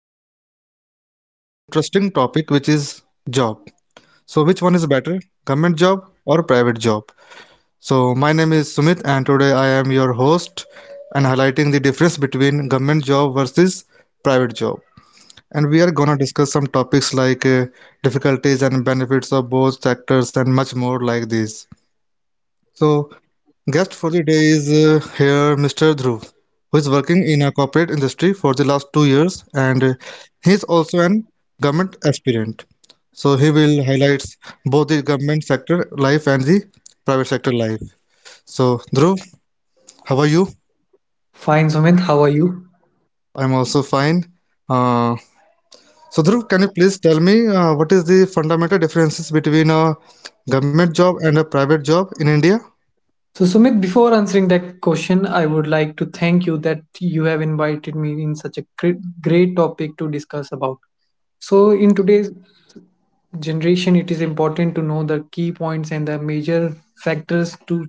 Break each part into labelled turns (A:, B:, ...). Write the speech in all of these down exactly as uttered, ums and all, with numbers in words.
A: about on an interesting topic which is job. So, which one is better, government job or private job? So, my name is Sumit and today I am your host and highlighting the difference between government job versus private job. And we are going to discuss some topics like uh, difficulties and benefits of both sectors and much more like this. So, guest for the day is uh, here Mister Dhruv, who is working in a corporate industry for the last two years and uh, he is also an government aspirant. So he will highlight both the government sector life and the private sector life. So Dhruv, how are you?
B: Fine, Sumit. How are you?
A: I'm also fine. Uh, so Dhruv, can you please tell me uh, what is the fundamental differences between a government job and a private job in India?
B: So, Sumit, before answering that question, I would like to thank you that you have invited me in such a cre- great topic to discuss about. So, in today's generation, it is important to know the key points and the major factors to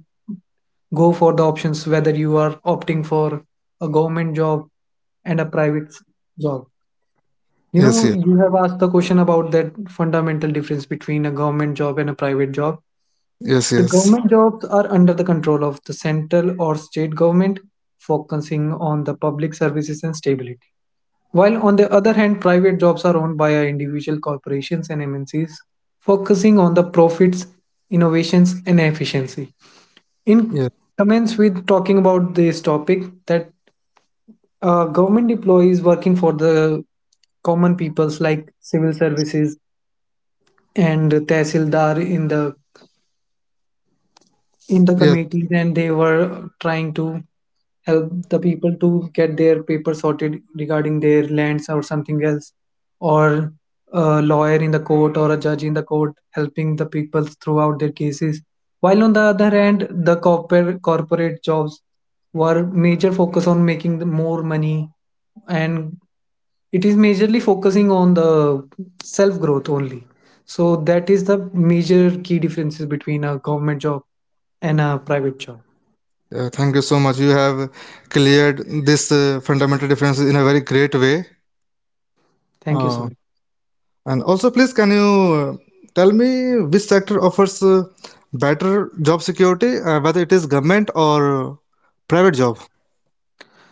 B: go for the options whether you are opting for a government job and a private s- job. You
A: Yes,
B: know,
A: yes,
B: you have asked the question about that fundamental difference between a government job and a private job.
A: yes,
B: The
A: yes,
B: government jobs are under the control of the central or state government, focusing on the public services and stability. While on the other hand, private jobs are owned by individual corporations and M N Cs, focusing on the profits, innovations, and efficiency. In
A: yes,
B: commence with talking about this topic, that uh, government employees working for the common peoples like civil services and tehsildar in the in the
A: yes.
B: committees, and they were trying to help the people to get their paper sorted regarding their lands or something else, or a lawyer in the court or a judge in the court helping the people throughout their cases. While on the other hand, the corporate corporate jobs were major focus on making the more money, and it is majorly focusing on the self growth only. So that is the major key differences between a government job and a private job.
A: Yeah, thank you so much. You have cleared this uh, fundamental difference in a very great way.
B: Thank you so
A: Uh,
B: much.
A: and also, please, can you uh, tell me which sector offers uh, better job security, uh, whether it is government or uh, private job?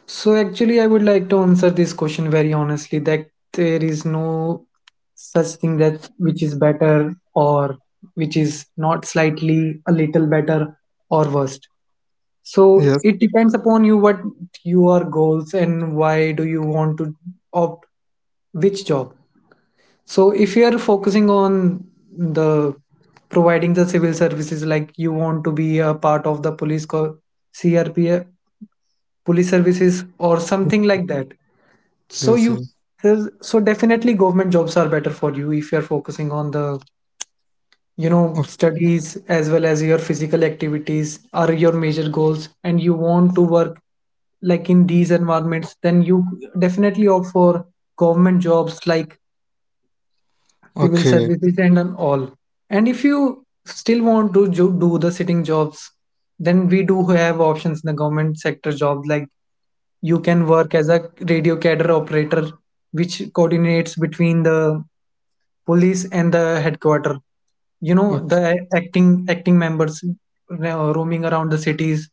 B: So actually, I would like to answer this question very honestly, that there is no such thing that which is better or which is not, slightly a little better or worst. So
A: Yes,
B: it depends upon you what your goals and why do you want to opt which job. So if you're focusing on the providing the civil services, like you want to be a part of the police co- C R P F, police services or something like that. So
A: yes,
B: you,
A: yes.
B: so definitely government jobs are better for you. If you're focusing on the, you know
A: O-
B: studies as well as your physical activities are your major goals, and you want to work like in these environments, then you definitely opt for government jobs like civil
A: Okay,
B: services and on all. And if you still want to jo- do the sitting jobs, then we do have options in the government sector jobs like you can work as a radio cadre operator, which coordinates between the police and the headquarter, you know
A: okay,
B: the acting acting members uh, roaming around the cities,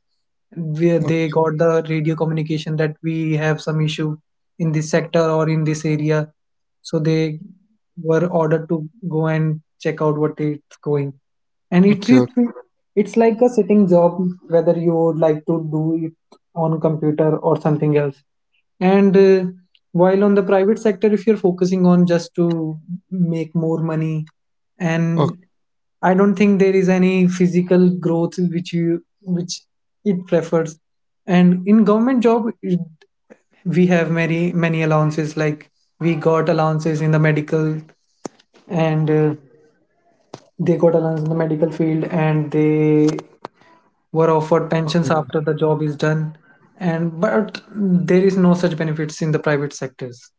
B: where they
A: okay,
B: got the radio communication that we have some issue in this sector or in this area. So they were ordered to go and check out what is going. And it
A: okay,
B: is, it's like a sitting job, whether you would like to do it on computer or something else. And uh, while on the private sector, if you're focusing on just to make more money,
A: okay,
B: and I don't think there is any physical growth which you, which it prefers. And in government job, it- we have many many allowances. Like we got allowances in the medical, and uh, they got allowance in the medical field, and they were offered
A: okay.
B: pensions after the job is done. And but there is no such benefits in the private sectors.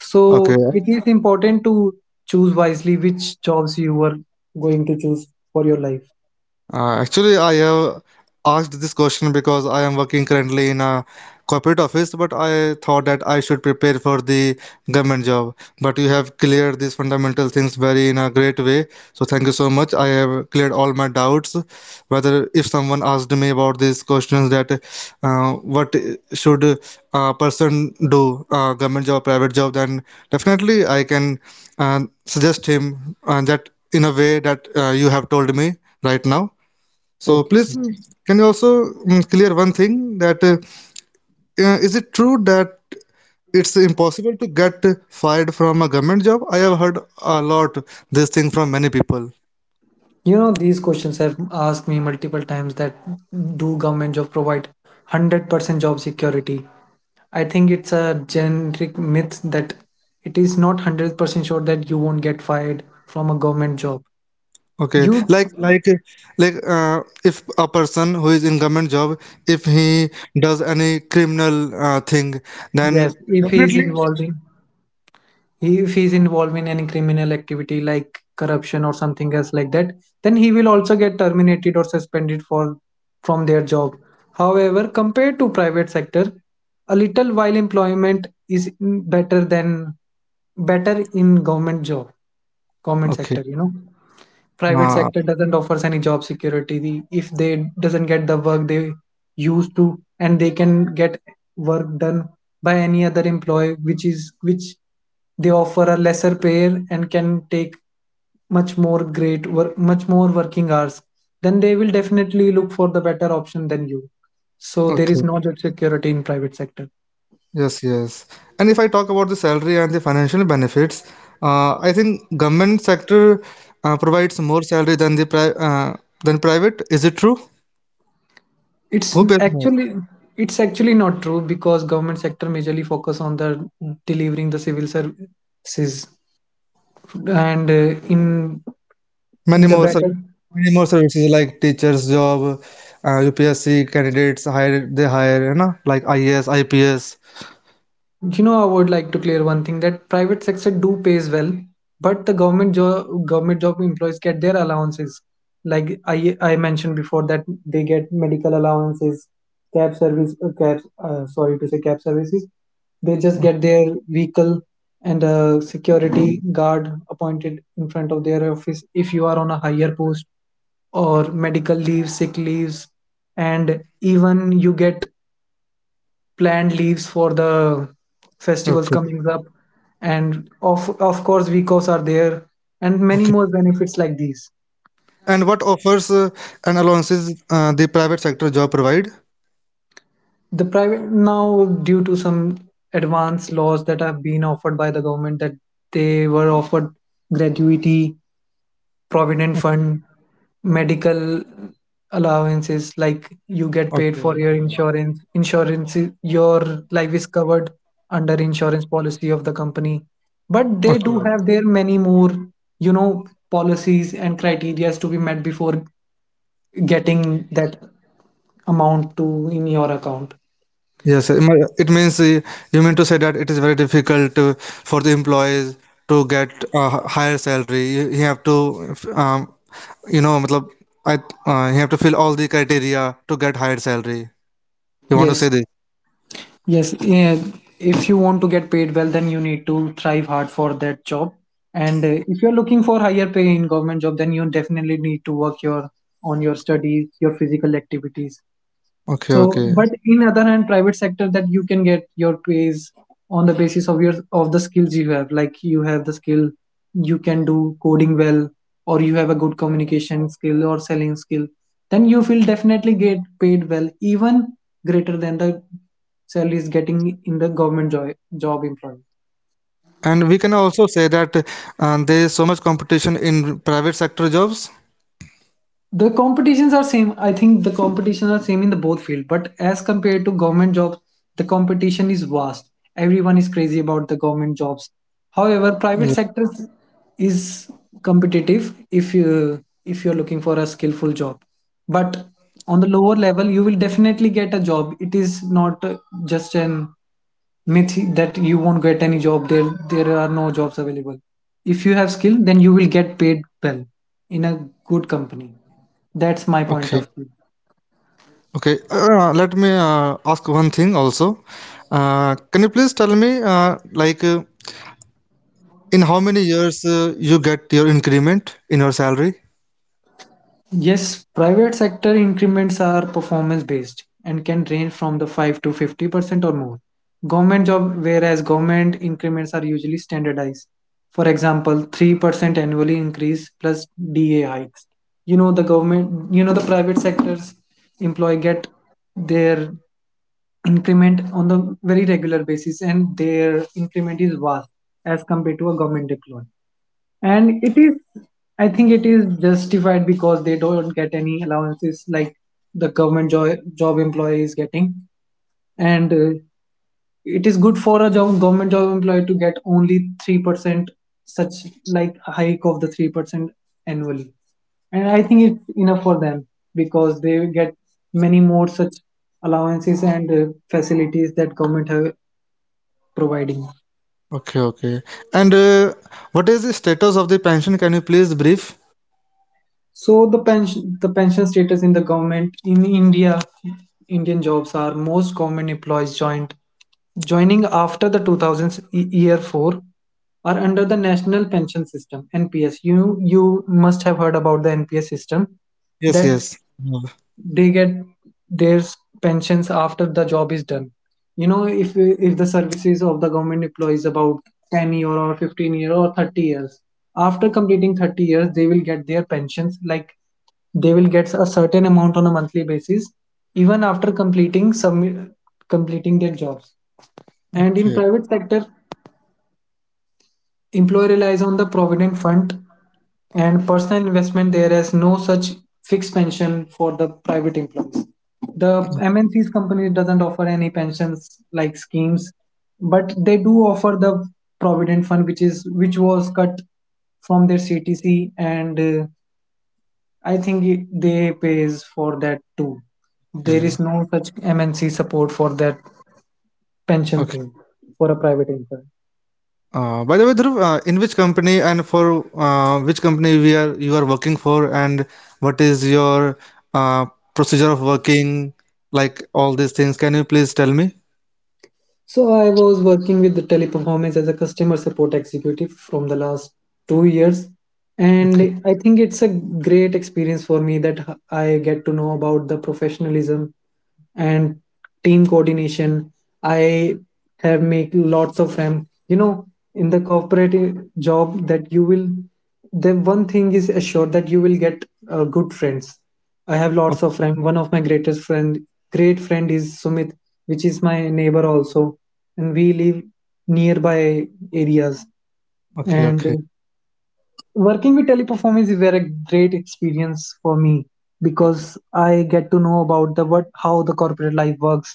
B: So
A: Okay.
B: it is important to choose wisely which jobs you are going to choose for your life.
A: Uh, actually, I have asked this question because I am working currently in a corporate office, but I thought that I should prepare for the government job. But you have cleared these fundamental things very in a great way. So thank you so much. I have cleared all my doubts. Whether if someone asked me about these questions that uh, what should a person do, uh, government job, private job, then definitely I can uh, suggest him uh, that in a way that uh, you have told me right now. So
B: Okay.
A: please, can you also mm, clear one thing that uh, uh, is it true that it's impossible to get fired from a government job? I have heard a lot this thing from many people.
B: You know, these questions have asked me multiple times that do government job provide one hundred percent job security. I think it's a generic myth that it is not one hundred percent sure that you won't get fired from a government job.
A: Okay,
B: You.
A: like like like uh, if a person who is in government job, if he does any criminal uh, thing, then
B: Yes, if he is
A: definitely
B: involving, he if he is involved in any criminal activity like corruption or something else like that, then he will also get terminated or suspended for, from their job. However, compared to private sector, a little while employment is better than better in government job, government
A: okay.
B: sector, you know. Private
A: Uh,
B: sector doesn't offer any job security. The- if they doesn't get the work they used to and they can get work done by any other employee, which is which they offer a lesser pay and can take much more great work, much more working hours, then they will definitely look for the better option than you. So there is
A: okay.
B: no job security in private sector.
A: Yes, yes. And if I talk about the salary and the financial benefits, uh, I think government sector uh, provides more salary than the pri uh, than private. Is it true?
B: It's
A: Who pays more?
B: actually, it's actually not true, because government sector majorly focus on the delivering the civil services and uh, in in
A: Many
B: the
A: more ser
B: better,
A: Many more services like teachers' job, uh, U P S C candidates hire they hire, you know, like I A S, I P S.
B: you know. I would like to clear one thing that private sector do pays well, but the government job government job employees get their allowances. Like i i mentioned before, that they get medical allowances, cab service, uh, cab, uh, sorry to say, cab services. They just get their vehicle and a security guard appointed in front of their office if you are on a higher post, or medical leave, sick leaves, and even you get planned leaves for the festivals
A: Okay,
B: coming up. And of of course week offs are there, and many more
A: okay.
B: benefits like these.
A: And what offers uh, and allowances uh, the private sector job provide?
B: The private, now due to some advanced laws that have been offered by the government, that they were offered gratuity, provident fund, medical allowances. Like you get paid
A: Okay,
B: for your
A: okay,
B: insurance. Insurance is- your life is covered under insurance policy of the company. But they
A: okay,
B: do
A: okay.
B: have their many more, you know, policies and criterias to be met before getting that amount to in your account.
A: Yes, it mi- it means uh, you mean to say that it is very difficult to, for the employees to get a h- higher salary. You, you have to, f- um, you know, matlab, I, uh, you have to fill all the criteria to get higher salary. You want to
B: Yes,
A: say this?
B: yes. Yeah. If you want to get paid well, then you need to thrive hard for that job. And uh, if you're looking for higher pay in government job, then you definitely need to work your, on your studies, your physical activities.
A: Okay,
B: So,
A: okay.
B: but in other hand, private sector, that you can get your pays on the basis of your, of the skills you have. Like you have the skill, you can do coding well, or you have a good communication skill or selling skill. Then you will definitely get paid well, even greater than the salaries getting in the government job job employee.
A: And we can also say that uh, there is so much competition in private sector jobs.
B: The competitions are same, I think the competitions are same in the both field, but as compared to government jobs, the competition is vast. Everyone is crazy about the government jobs. However,
A: Yeah.
B: private sector is competitive if you if you're looking for a skillful job, but on the lower level you will definitely get a job. It is not uh, just an myth that you won't get any job there, there are no jobs available. If you have skill, then you will get paid well in a good company. That's my point
A: Okay.
B: of view.
A: Okay. Uh, let me uh, ask one thing also. Uh, can you please tell me, uh, like, uh, in how many years uh, you get your increment in your salary?
B: Yes, private sector increments are performance based and can range from the five to fifty percent or more. Government job, whereas government increments are usually standardized, for example three percent annually increase plus da hikes. You know the government, you know the private sectors employee get their increment on the very regular basis, and their increment is vast as compared to a government employee. And it is, I think it is justified because they don't get any allowances like the government jo- job employee is getting. And uh, it is good for a job government job employee to get only three percent, such like hike of the three percent annually. And I think it's enough for them, because they get many more such allowances and uh, facilities that government have providing.
A: Okay, okay. And uh, what is the status of the pension? Can you please brief?
B: So the pension the pension status in the government in India, Indian jobs, are most government employees joined, joining after the two thousands e- year four, are under the national pension system, NPS. you you must have heard about the NPS system,
A: Yes,
B: that
A: yes. Mm.
B: they get their pensions after the job is done. You know if if the services of the government employees about ten year or fifteen year or thirty years, after completing thirty years they will get their pensions, like they will get a certain amount on a monthly basis, even after completing some, completing their jobs. And in
A: Okay,
B: private sector, employee relies on the provident fund and personal investment. There is no such fixed pension for the private employees. The M N C's company doesn't offer any pensions like schemes, but they do offer the provident fund, which is which was cut from their C T C, and uh, I think it- they pays for that too. There is
A: okay,
B: no such M N C support for that pension
A: okay.
B: thing for a private employee.
A: Uh, by the way, Dhruv, uh, in which company and for uh, which company we are you are working for, and what is your uh, procedure of working, like all these things? Can you please tell me?
B: So I was working with the Teleperformance as a customer support executive from the last two years,
A: Okay,
B: and I think it's a great experience for me that h- I get to know about the professionalism and team coordination. I have make lots of friends. You know, in the corporate uh, job, that you will, the one thing is assured that you will get uh, good friends. I have
A: o-
B: lots of friends. One of my greatest friend, great friend is Sumit, which is my neighbor also, and we live nearby areas.
A: okay,
B: And uh,
A: okay,
B: Working with teleperformance is very great experience for me because I get to know about the what how the corporate life works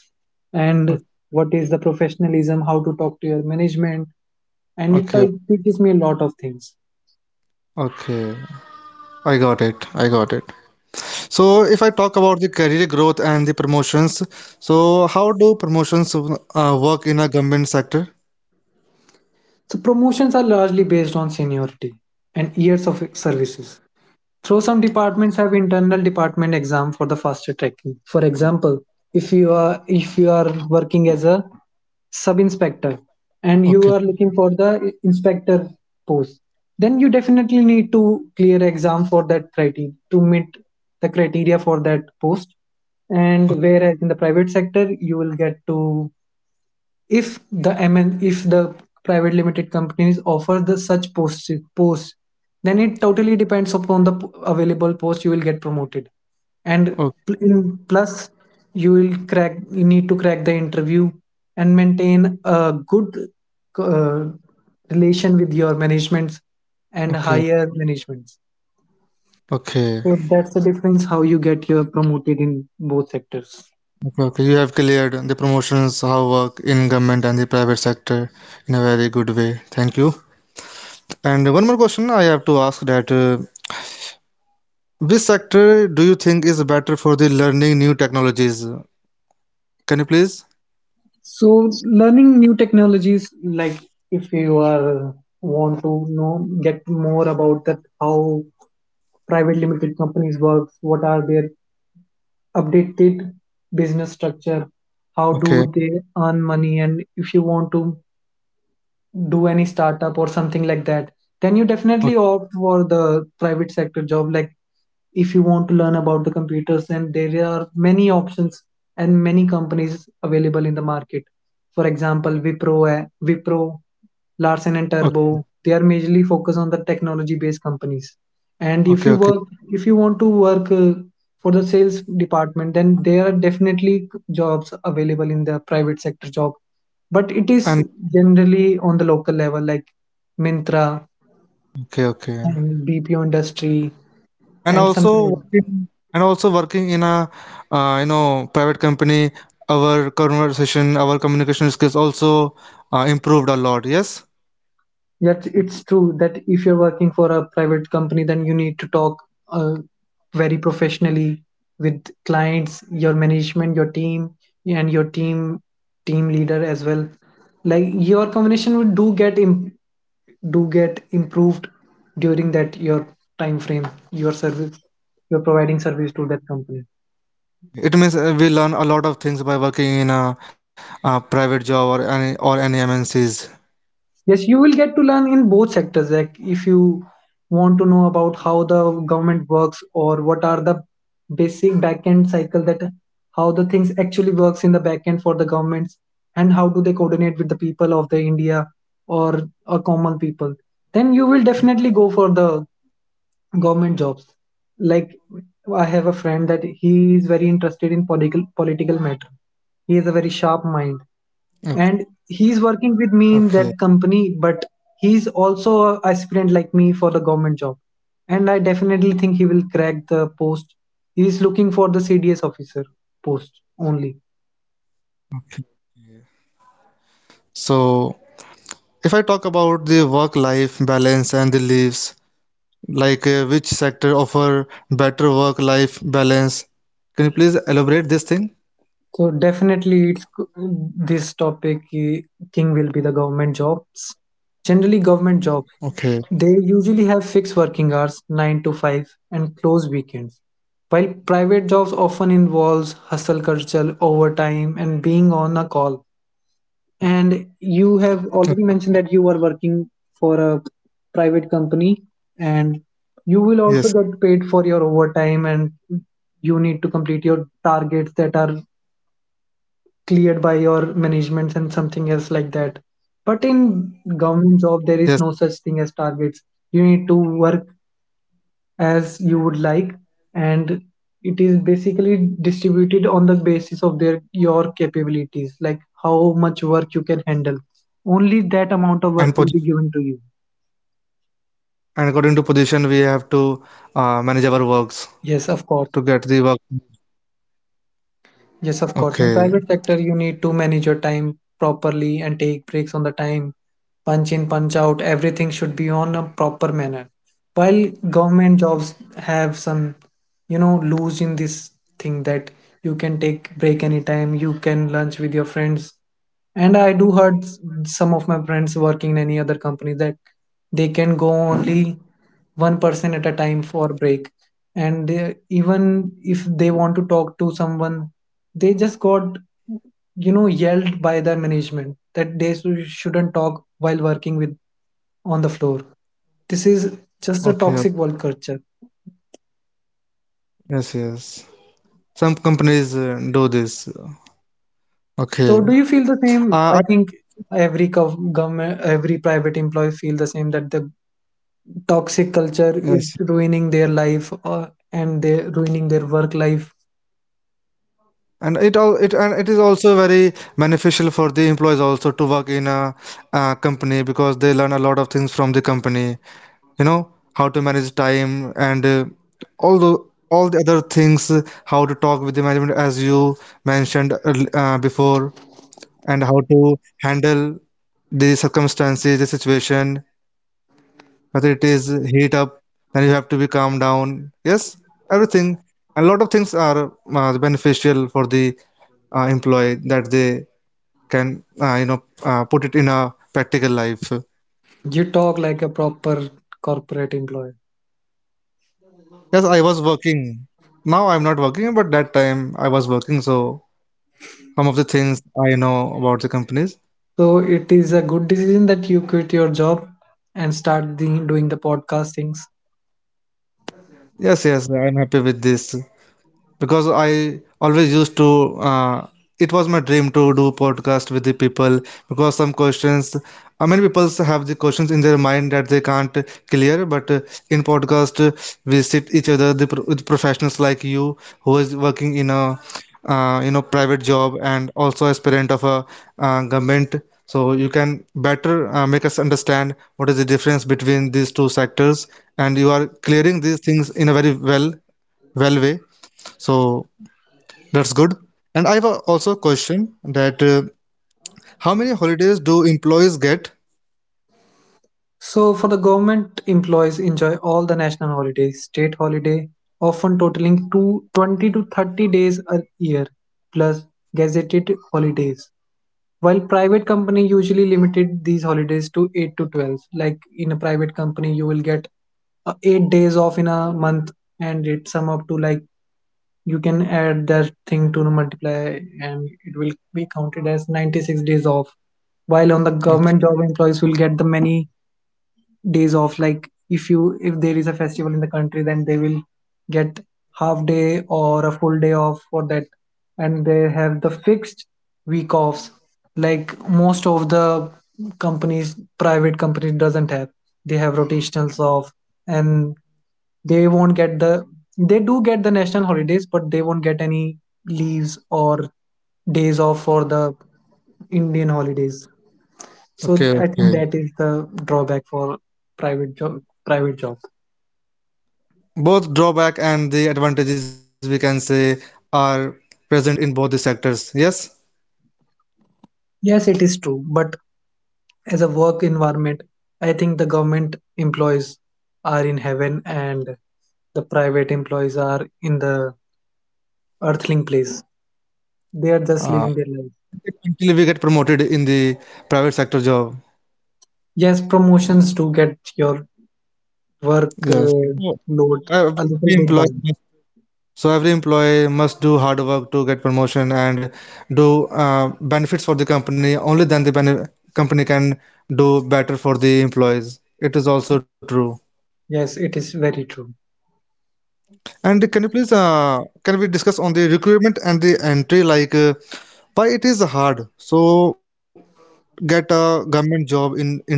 B: and what is the professionalism, how to talk to your management, and it
A: okay,
B: t- teaches me a lot of things.
A: okay. I got it. I got it. So, if I talk about the career growth and the promotions, so how do promotions uh, work in a government sector?
B: So promotions are largely based on seniority and years of services. So some departments have internal department exam for the faster tracking. For example, if you are if you are working as a sub inspector and you
A: Okay,
B: are looking for the inspector post, then you definitely need to clear exam for that criteria to meet the criteria for that post. And whereas in the private sector, you will get to if the M N if the private limited companies offer the such post post then it totally depends upon the p- available post you will get promoted and
A: o-
B: pl- in- plus you will crack you need to crack the interview and maintain a good uh, relation with your managements and
A: okay,
B: higher managements,
A: okay,
B: so that's the difference how you get your promoted in both sectors.
A: okay, okay. You have cleared the promotions how work in government and the private sector in a very good way. Thank you. And one more question I have to ask that uh, which sector do you think is better for the learning new technologies? Can you please?
B: So learning new technologies, like if you are want to know get more about that how private limited companies works, what are their updated business structure, how
A: Okay,
B: do they earn money, and if you want to do any startup or something like that, then you
A: okay,
B: definitely opt for the private sector job. Like if you want to learn about the computers, then there are many options and many companies available in the market. For example, wipro eh, wipro larsen and turbo,
A: okay,
B: they are majorly focused on the technology based companies. And
A: okay.
B: if you
A: Okay.
B: work if you want to work uh, for the sales department, then there are definitely jobs available in the private sector job, but it is
A: And
B: generally on the local level, like mintra
A: okay, okay.
B: and bpo industry
A: And
B: and something like.
A: also and also working in a uh, you know private company, our conversation our communication skills also uh, improved a lot, yes,
B: Yet it's true that if you're working for a private company, then you need to talk uh, very professionally with clients, your management, your team, and your team team leader as well. Like your communication would do get imp- do get improved during that your time frame, your service, you're providing service to that company.
A: it means uh, we learn a lot of things by working in a, uh private job or any or any M N Cs.
B: Yes, you will get to learn in both sectors. Like if you want to know about how the government works or what are the basic backend cycle that how the things actually works in the backend for the governments and how do they coordinate with the people of the India or a common people, then you will definitely go for the government jobs. Like I have a friend that he is very interested in political political matter. He has a very sharp
A: Okay.
B: mind and
A: Okay.
B: he's working with me in that company, but he's also a aspirant like me for the government job, and I definitely think he will crack the post. He's looking for the cds officer post only.
A: So if I talk about the work life balance and the leaves, like uh, which sector offer better work life balance? Can you please elaborate this thing?
B: So definitely it's this topic eh, king will be the government jobs. Generally government
A: Okay.
B: job, they usually have fixed working hours nine to five and close weekends, while private jobs often involves hustle culture, overtime, and being on a call. And
A: Uh,
B: you have already mentioned that you are working for a private company, and
A: yes,
B: you will also get paid for your overtime, and you need to complete your targets that are cleared by your managements and something else like that. But in
A: yes,
B: government job, there is no such thing as targets. You need to work as you would like, and it is basically distributed on the basis of their your capabilities, like how much work you can handle, only that
A: and
B: amount of work will be given to you.
A: And according to position, we have to uh, manage our works
B: Yes,
A: to
B: of
A: get the
B: course.
A: work.
B: Yes, of
A: Okay,
B: course. In private sector, you need to manage your time properly and take breaks on the time. Punch in, punch out. Everything should be on a proper manner. While government jobs have some, you know, lose in this thing that you can take break anytime. You can lunch with your friends. And i do heard s- some of my friends working in any other company that they can go only one person at a time for break, and they, even if they want to talk to someone, they just got, you know, yelled by the management that they shou- shouldn't talk while working with on the floor. This is
A: okay,
B: just a toxic work culture.
A: yes, yes. Some companies uh, do this. Okay.
B: So do you feel the
A: Uh, I,
B: same? I think every gov- government every private employee feel the same that the toxic culture
A: yes.
B: is ruining their life or and they ruining their work life.
A: And it all it and it is also very beneficial for the employees also to work in a, uh company because they learn a lot of things from the company. You know how to manage time and uh, all the all the other things. uh, How to talk with the management, as you mentioned earl- uh, before, and how to handle the circumstances, the situation, whether it is heat up, then you have to be calm down. Yes, everything. A lot of things are uh, beneficial for the uh, employee that they can, uh, you know, uh, put it in a practical life.
B: You talk like a proper corporate employee.
A: Yes, I was working. Now I'm not working, but that time I was working, so some of the things I know about the companies.
B: So it is a good decision that you quit your job and start the, doing the podcast things.
A: Yes, yes, I'm happy with this. Because I always used to, uh, it was my dream to do podcast with the people, because some questions, uh, many people have the questions in their mind that they can't clear, but uh, in podcast uh, we sit each other, the pro- with professionals like you who is working in a uh, you know private job and also as parent of a uh, government, so you can better uh, make us understand what is the difference between these two sectors, and you are clearing these things in a very well well way, so that's good. And I have a- also a question that uh, how many holidays do employees get?
B: So, for the government employees enjoy all the national holidays, state holiday, often totaling to twenty to thirty days a year, plus gazetted holidays. While private company usually limited these holidays to eight to twelve. Like in a private company, you will get uh, eight days off in a month, and it sum up to like you can add that thing to multiply and it will be counted as ninety-six days off, while on the
A: Okay,
B: government job employees will get the many days off. Like if you if there is a festival in the country, then they will get half day or a full day off for that, and they have the fixed week offs. Like most of the companies, private companies doesn't have, they have rotationals off, and they won't get the they do get the national holidays, but they won't get any leaves or days off for the indian holidays. So
A: okay,
B: th- I think
A: okay.
B: that is the drawback for private job. private job.
A: Both drawback and the advantages we can say are present in both the sectors. Yes.
B: Yes, it is true, but as a work environment, I think the government employees are in heaven and the private employees are in the earthling place. They are just
A: Uh,
B: living their life.
A: until we get promoted in the private sector job.
B: Yes, promotions do get your work
A: Yes.
B: uh,
A: So,
B: load
A: ev-
B: a little
A: Every
B: bit
A: employee
B: down.
A: must, so every employee must do hard work to get promotion and do uh, benefits for the company. Only then the bene company can do better for the employees. It is also true.
B: Yes, it is very true.
A: And can you please uh, can we discuss on the recruitment and the entry like uh, why it is hard so get a government job in India?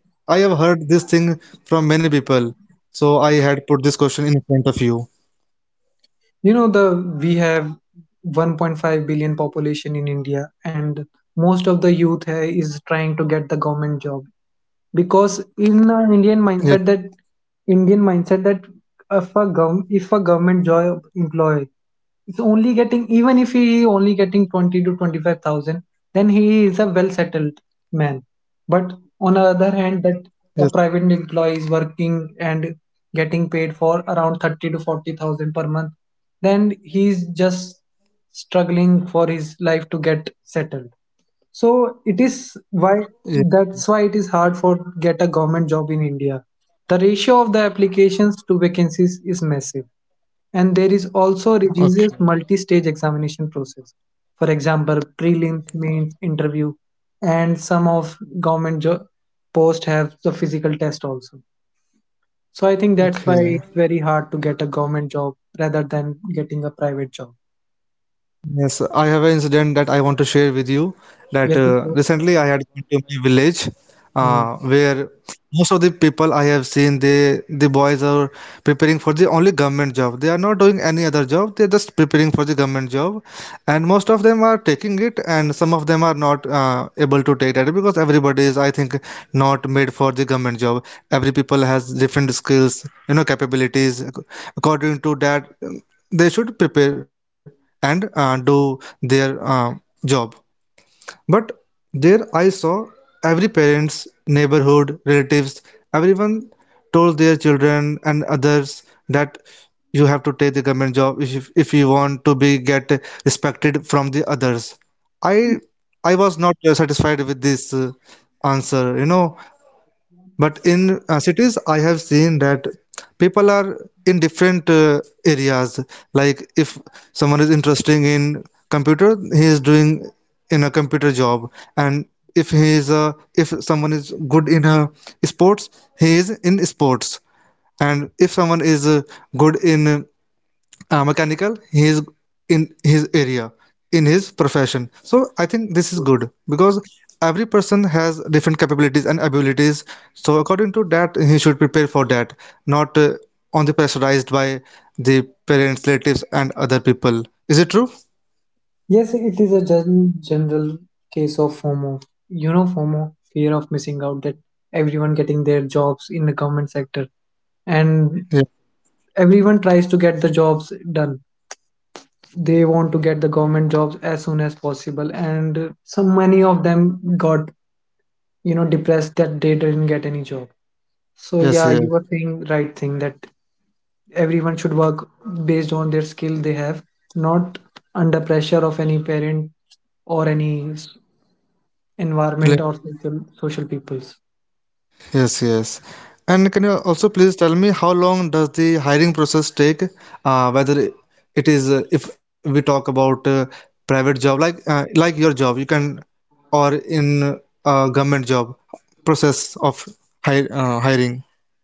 A: I have heard this thing from many people, so I had put this question in front of you.
B: You know, the we have one point five billion population in india, and most of the youth uh, is trying to get the government job because
A: Yes,
B: in our indian mindset that indian mindset that if a, gov- if a government job employee is only getting, even if he is only getting twenty to twenty-five thousand, then he is a well settled man, but on the
A: yes,
B: other hand that a private employee is working and getting paid for around thirty to forty thousand per month, then he is just struggling for his life to get settled. So it is
A: yes.
B: why that's why it is hard for get a government job in india. The ratio of the applications to vacancies is massive, and there is
A: Okay,
B: also a rigorous multi-stage examination process, for example prelims mains interview, and some of government jo- post have the physical test also. So I think that's
A: okay.
B: why it's very hard to get a government job rather than getting a private job.
A: Yes, I have an incident that I want to share with you. That
B: Yes, of
A: uh,
B: course.
A: recently I had gone to my village,
B: Hmm.
A: uh, where most of the people I have seen, they the boys are preparing for the only government job. They are not doing any other job. They're just preparing for the government job, and most of them are taking it, and some of them are not uh, able to take that because everybody is, I think, not made for the government job. Every people has different skills, you know, capabilities. Ac- According to that, they should prepare and uh, do their uh, job, but there I saw every parents, neighborhood, relatives, everyone told their children and others that you have to take the government job if, if you want to be get respected from the others. I i was not uh, satisfied with this uh, answer, you know but in uh, cities I have seen that people are in different uh, areas, like if someone is interested in computer, he is doing in a computer job, and if he is a, if someone is good in a sports, he is in sports, and if someone is uh, good in uh, mechanical, he is in his area, in his profession. So I think this is good because every person has different capabilities and abilities, so according to that he should prepare for that, not uh, on the pressurized by the parents, relatives, and other people. Is it true?
B: Yes, it is a gen- general case of fomo. You know, fomo, fear of missing out, that everyone getting their jobs in the government sector, and
A: Yeah.
B: everyone tries to get the jobs done. They want to get the government jobs as soon as possible, and some many of them got, you know, depressed that they didn't get any job. So yeah, you were
A: Yes, yeah.
B: saying right thing that everyone should work based on their skill they have, not under pressure of any parent or any s- environment or social, social peoples.
A: Yes, yes. And can you also please tell me how long does the hiring process take? Uh, whether it is uh, if we talk about uh, private job, like uh, like your job, you can, or in uh, government job, process of hire, uh, hiring.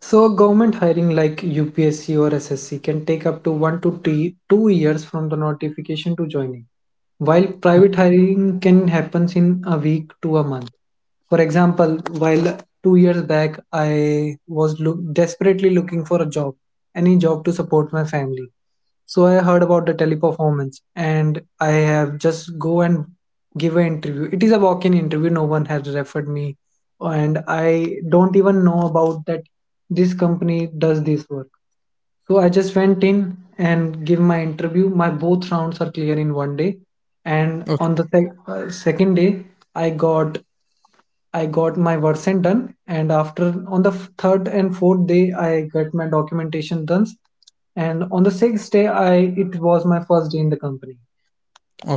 B: So government hiring like U P S C or S S C can take up to one to t- two years from the notification to joining, while private hiring can happen in a week to a month. For example, while two years back I was look- desperately looking for a job, any job to support my family. So I heard about the teleperformance, and I have just go and give an interview. It is a walk-in interview. No one has referred me, and I don't even know about that this company does this work. So I just went in and give my interview. My both rounds are clear in one day. And on the
A: Okay,
B: sec- uh, second day, I got I got my Versant done, and after on the f- third and fourth day, I got my documentation done, and on the sixth day, I it was my first day in the company.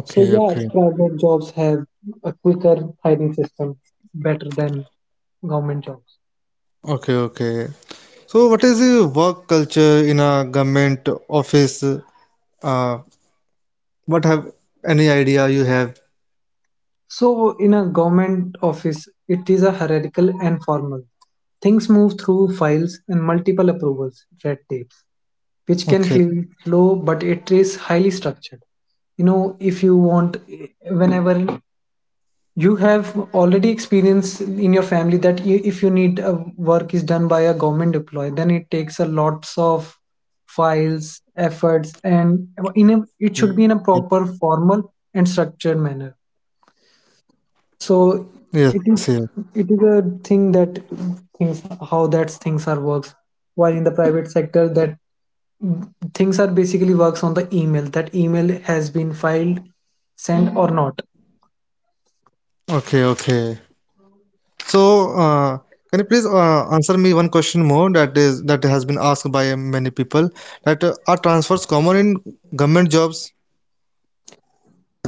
B: So yeah,
A: okay, okay,
B: private jobs have a quicker hiring system, better than government jobs.
A: okay, okay. So, what is the work culture in a government office? Uh, what have any idea you have?
B: So in a government office, it is a hierarchical and formal. Things move through files and multiple approvals, red tapes, which can feel
A: Okay.
B: slow but it is highly structured. You know, if you want whenever you have already experienced in your family that you, if you need a work is done by a government employee, then it takes a lots of files efforts, and in a, it should
A: Yeah.
B: be in a proper formal and structured manner. So
A: Yes,
B: it
A: yes.
B: is it is a thing that things how that things are works, while in the private sector that things are basically works on the email, that email has been filed, sent or Mm-hmm. not.
A: Okay, okay. So, uh, can you please uh, answer me one question more that is that has been asked by many people that uh, are transfers common in government jobs?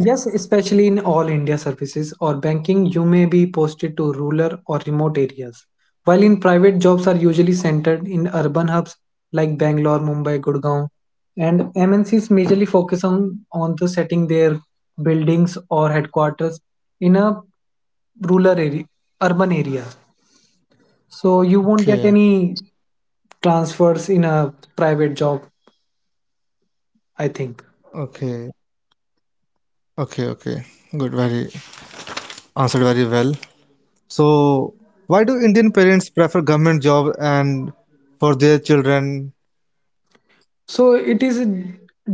B: Yes, especially in all india services or banking you may be posted to rural or remote areas, while in private jobs are usually centered in urban hubs like bangalore mumbai gurgaon, and mncs majorly focus on on the setting their buildings or headquarters in a rural area urban area, so you
A: Okay,
B: won't get any transfers in a private job, I think.
A: okay, okay, okay. Good, very answered very well. So, why do Indian parents prefer government job and for their children?
B: So it is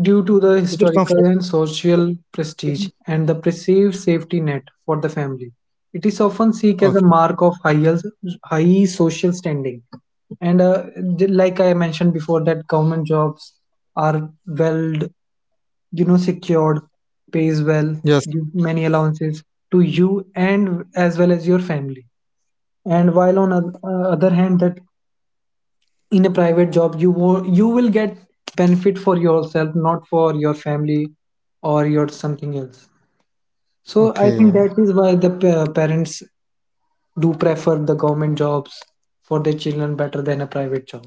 B: due to the
A: Is it comfort?
B: historical and social prestige and the perceived safety net for the family. It is often seen as a
A: Okay.
B: mark of high, high social standing. And uh, j- like I mentioned before, that government jobs are well, you know, secured, pays well,
A: Yes.
B: give many allowances to you and as well as your family. And while on the other hand, that in a private job you wo- you will get benefit for yourself, not for your family or your something else. So I think that
A: Okay.
B: is why the pa- parents do prefer the government jobs for their children better than a private job.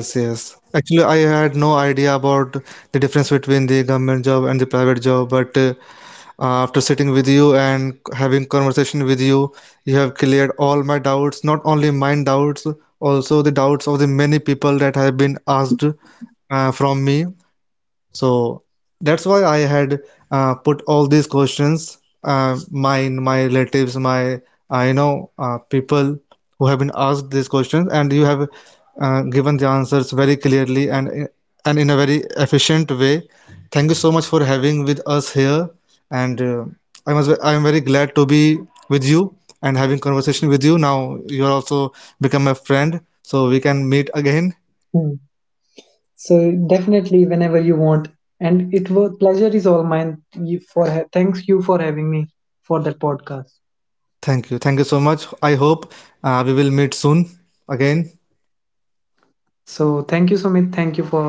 A: Yes, yes. Actually, I had no idea about the difference between the government job and the private job, but uh, Uh, after sitting with you and having conversation with you, you have cleared all my doubts, not only mine doubts, also the doubts of the many people that have been asked uh, from me, so that's why I had uh, put all these questions, uh, mine, my relatives, my uh, you know uh, people who have been asked these questions, and you have uh, given the answers very clearly and and in a very efficient way. Thank you so much for having with us here, and uh, I must I am very glad to be with you and having conversation with you. Now you are also become a friend, so we can meet again.
B: Hmm. So definitely whenever you want, and it was pleasure is all mine. You for ha- thanks you for having me for that podcast.
A: Thank you. Thank you so much. I hope uh, we will meet soon again.
B: So thank you sumit, thank you for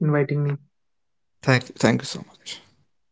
B: inviting me.
A: Thank you. Thank you so much.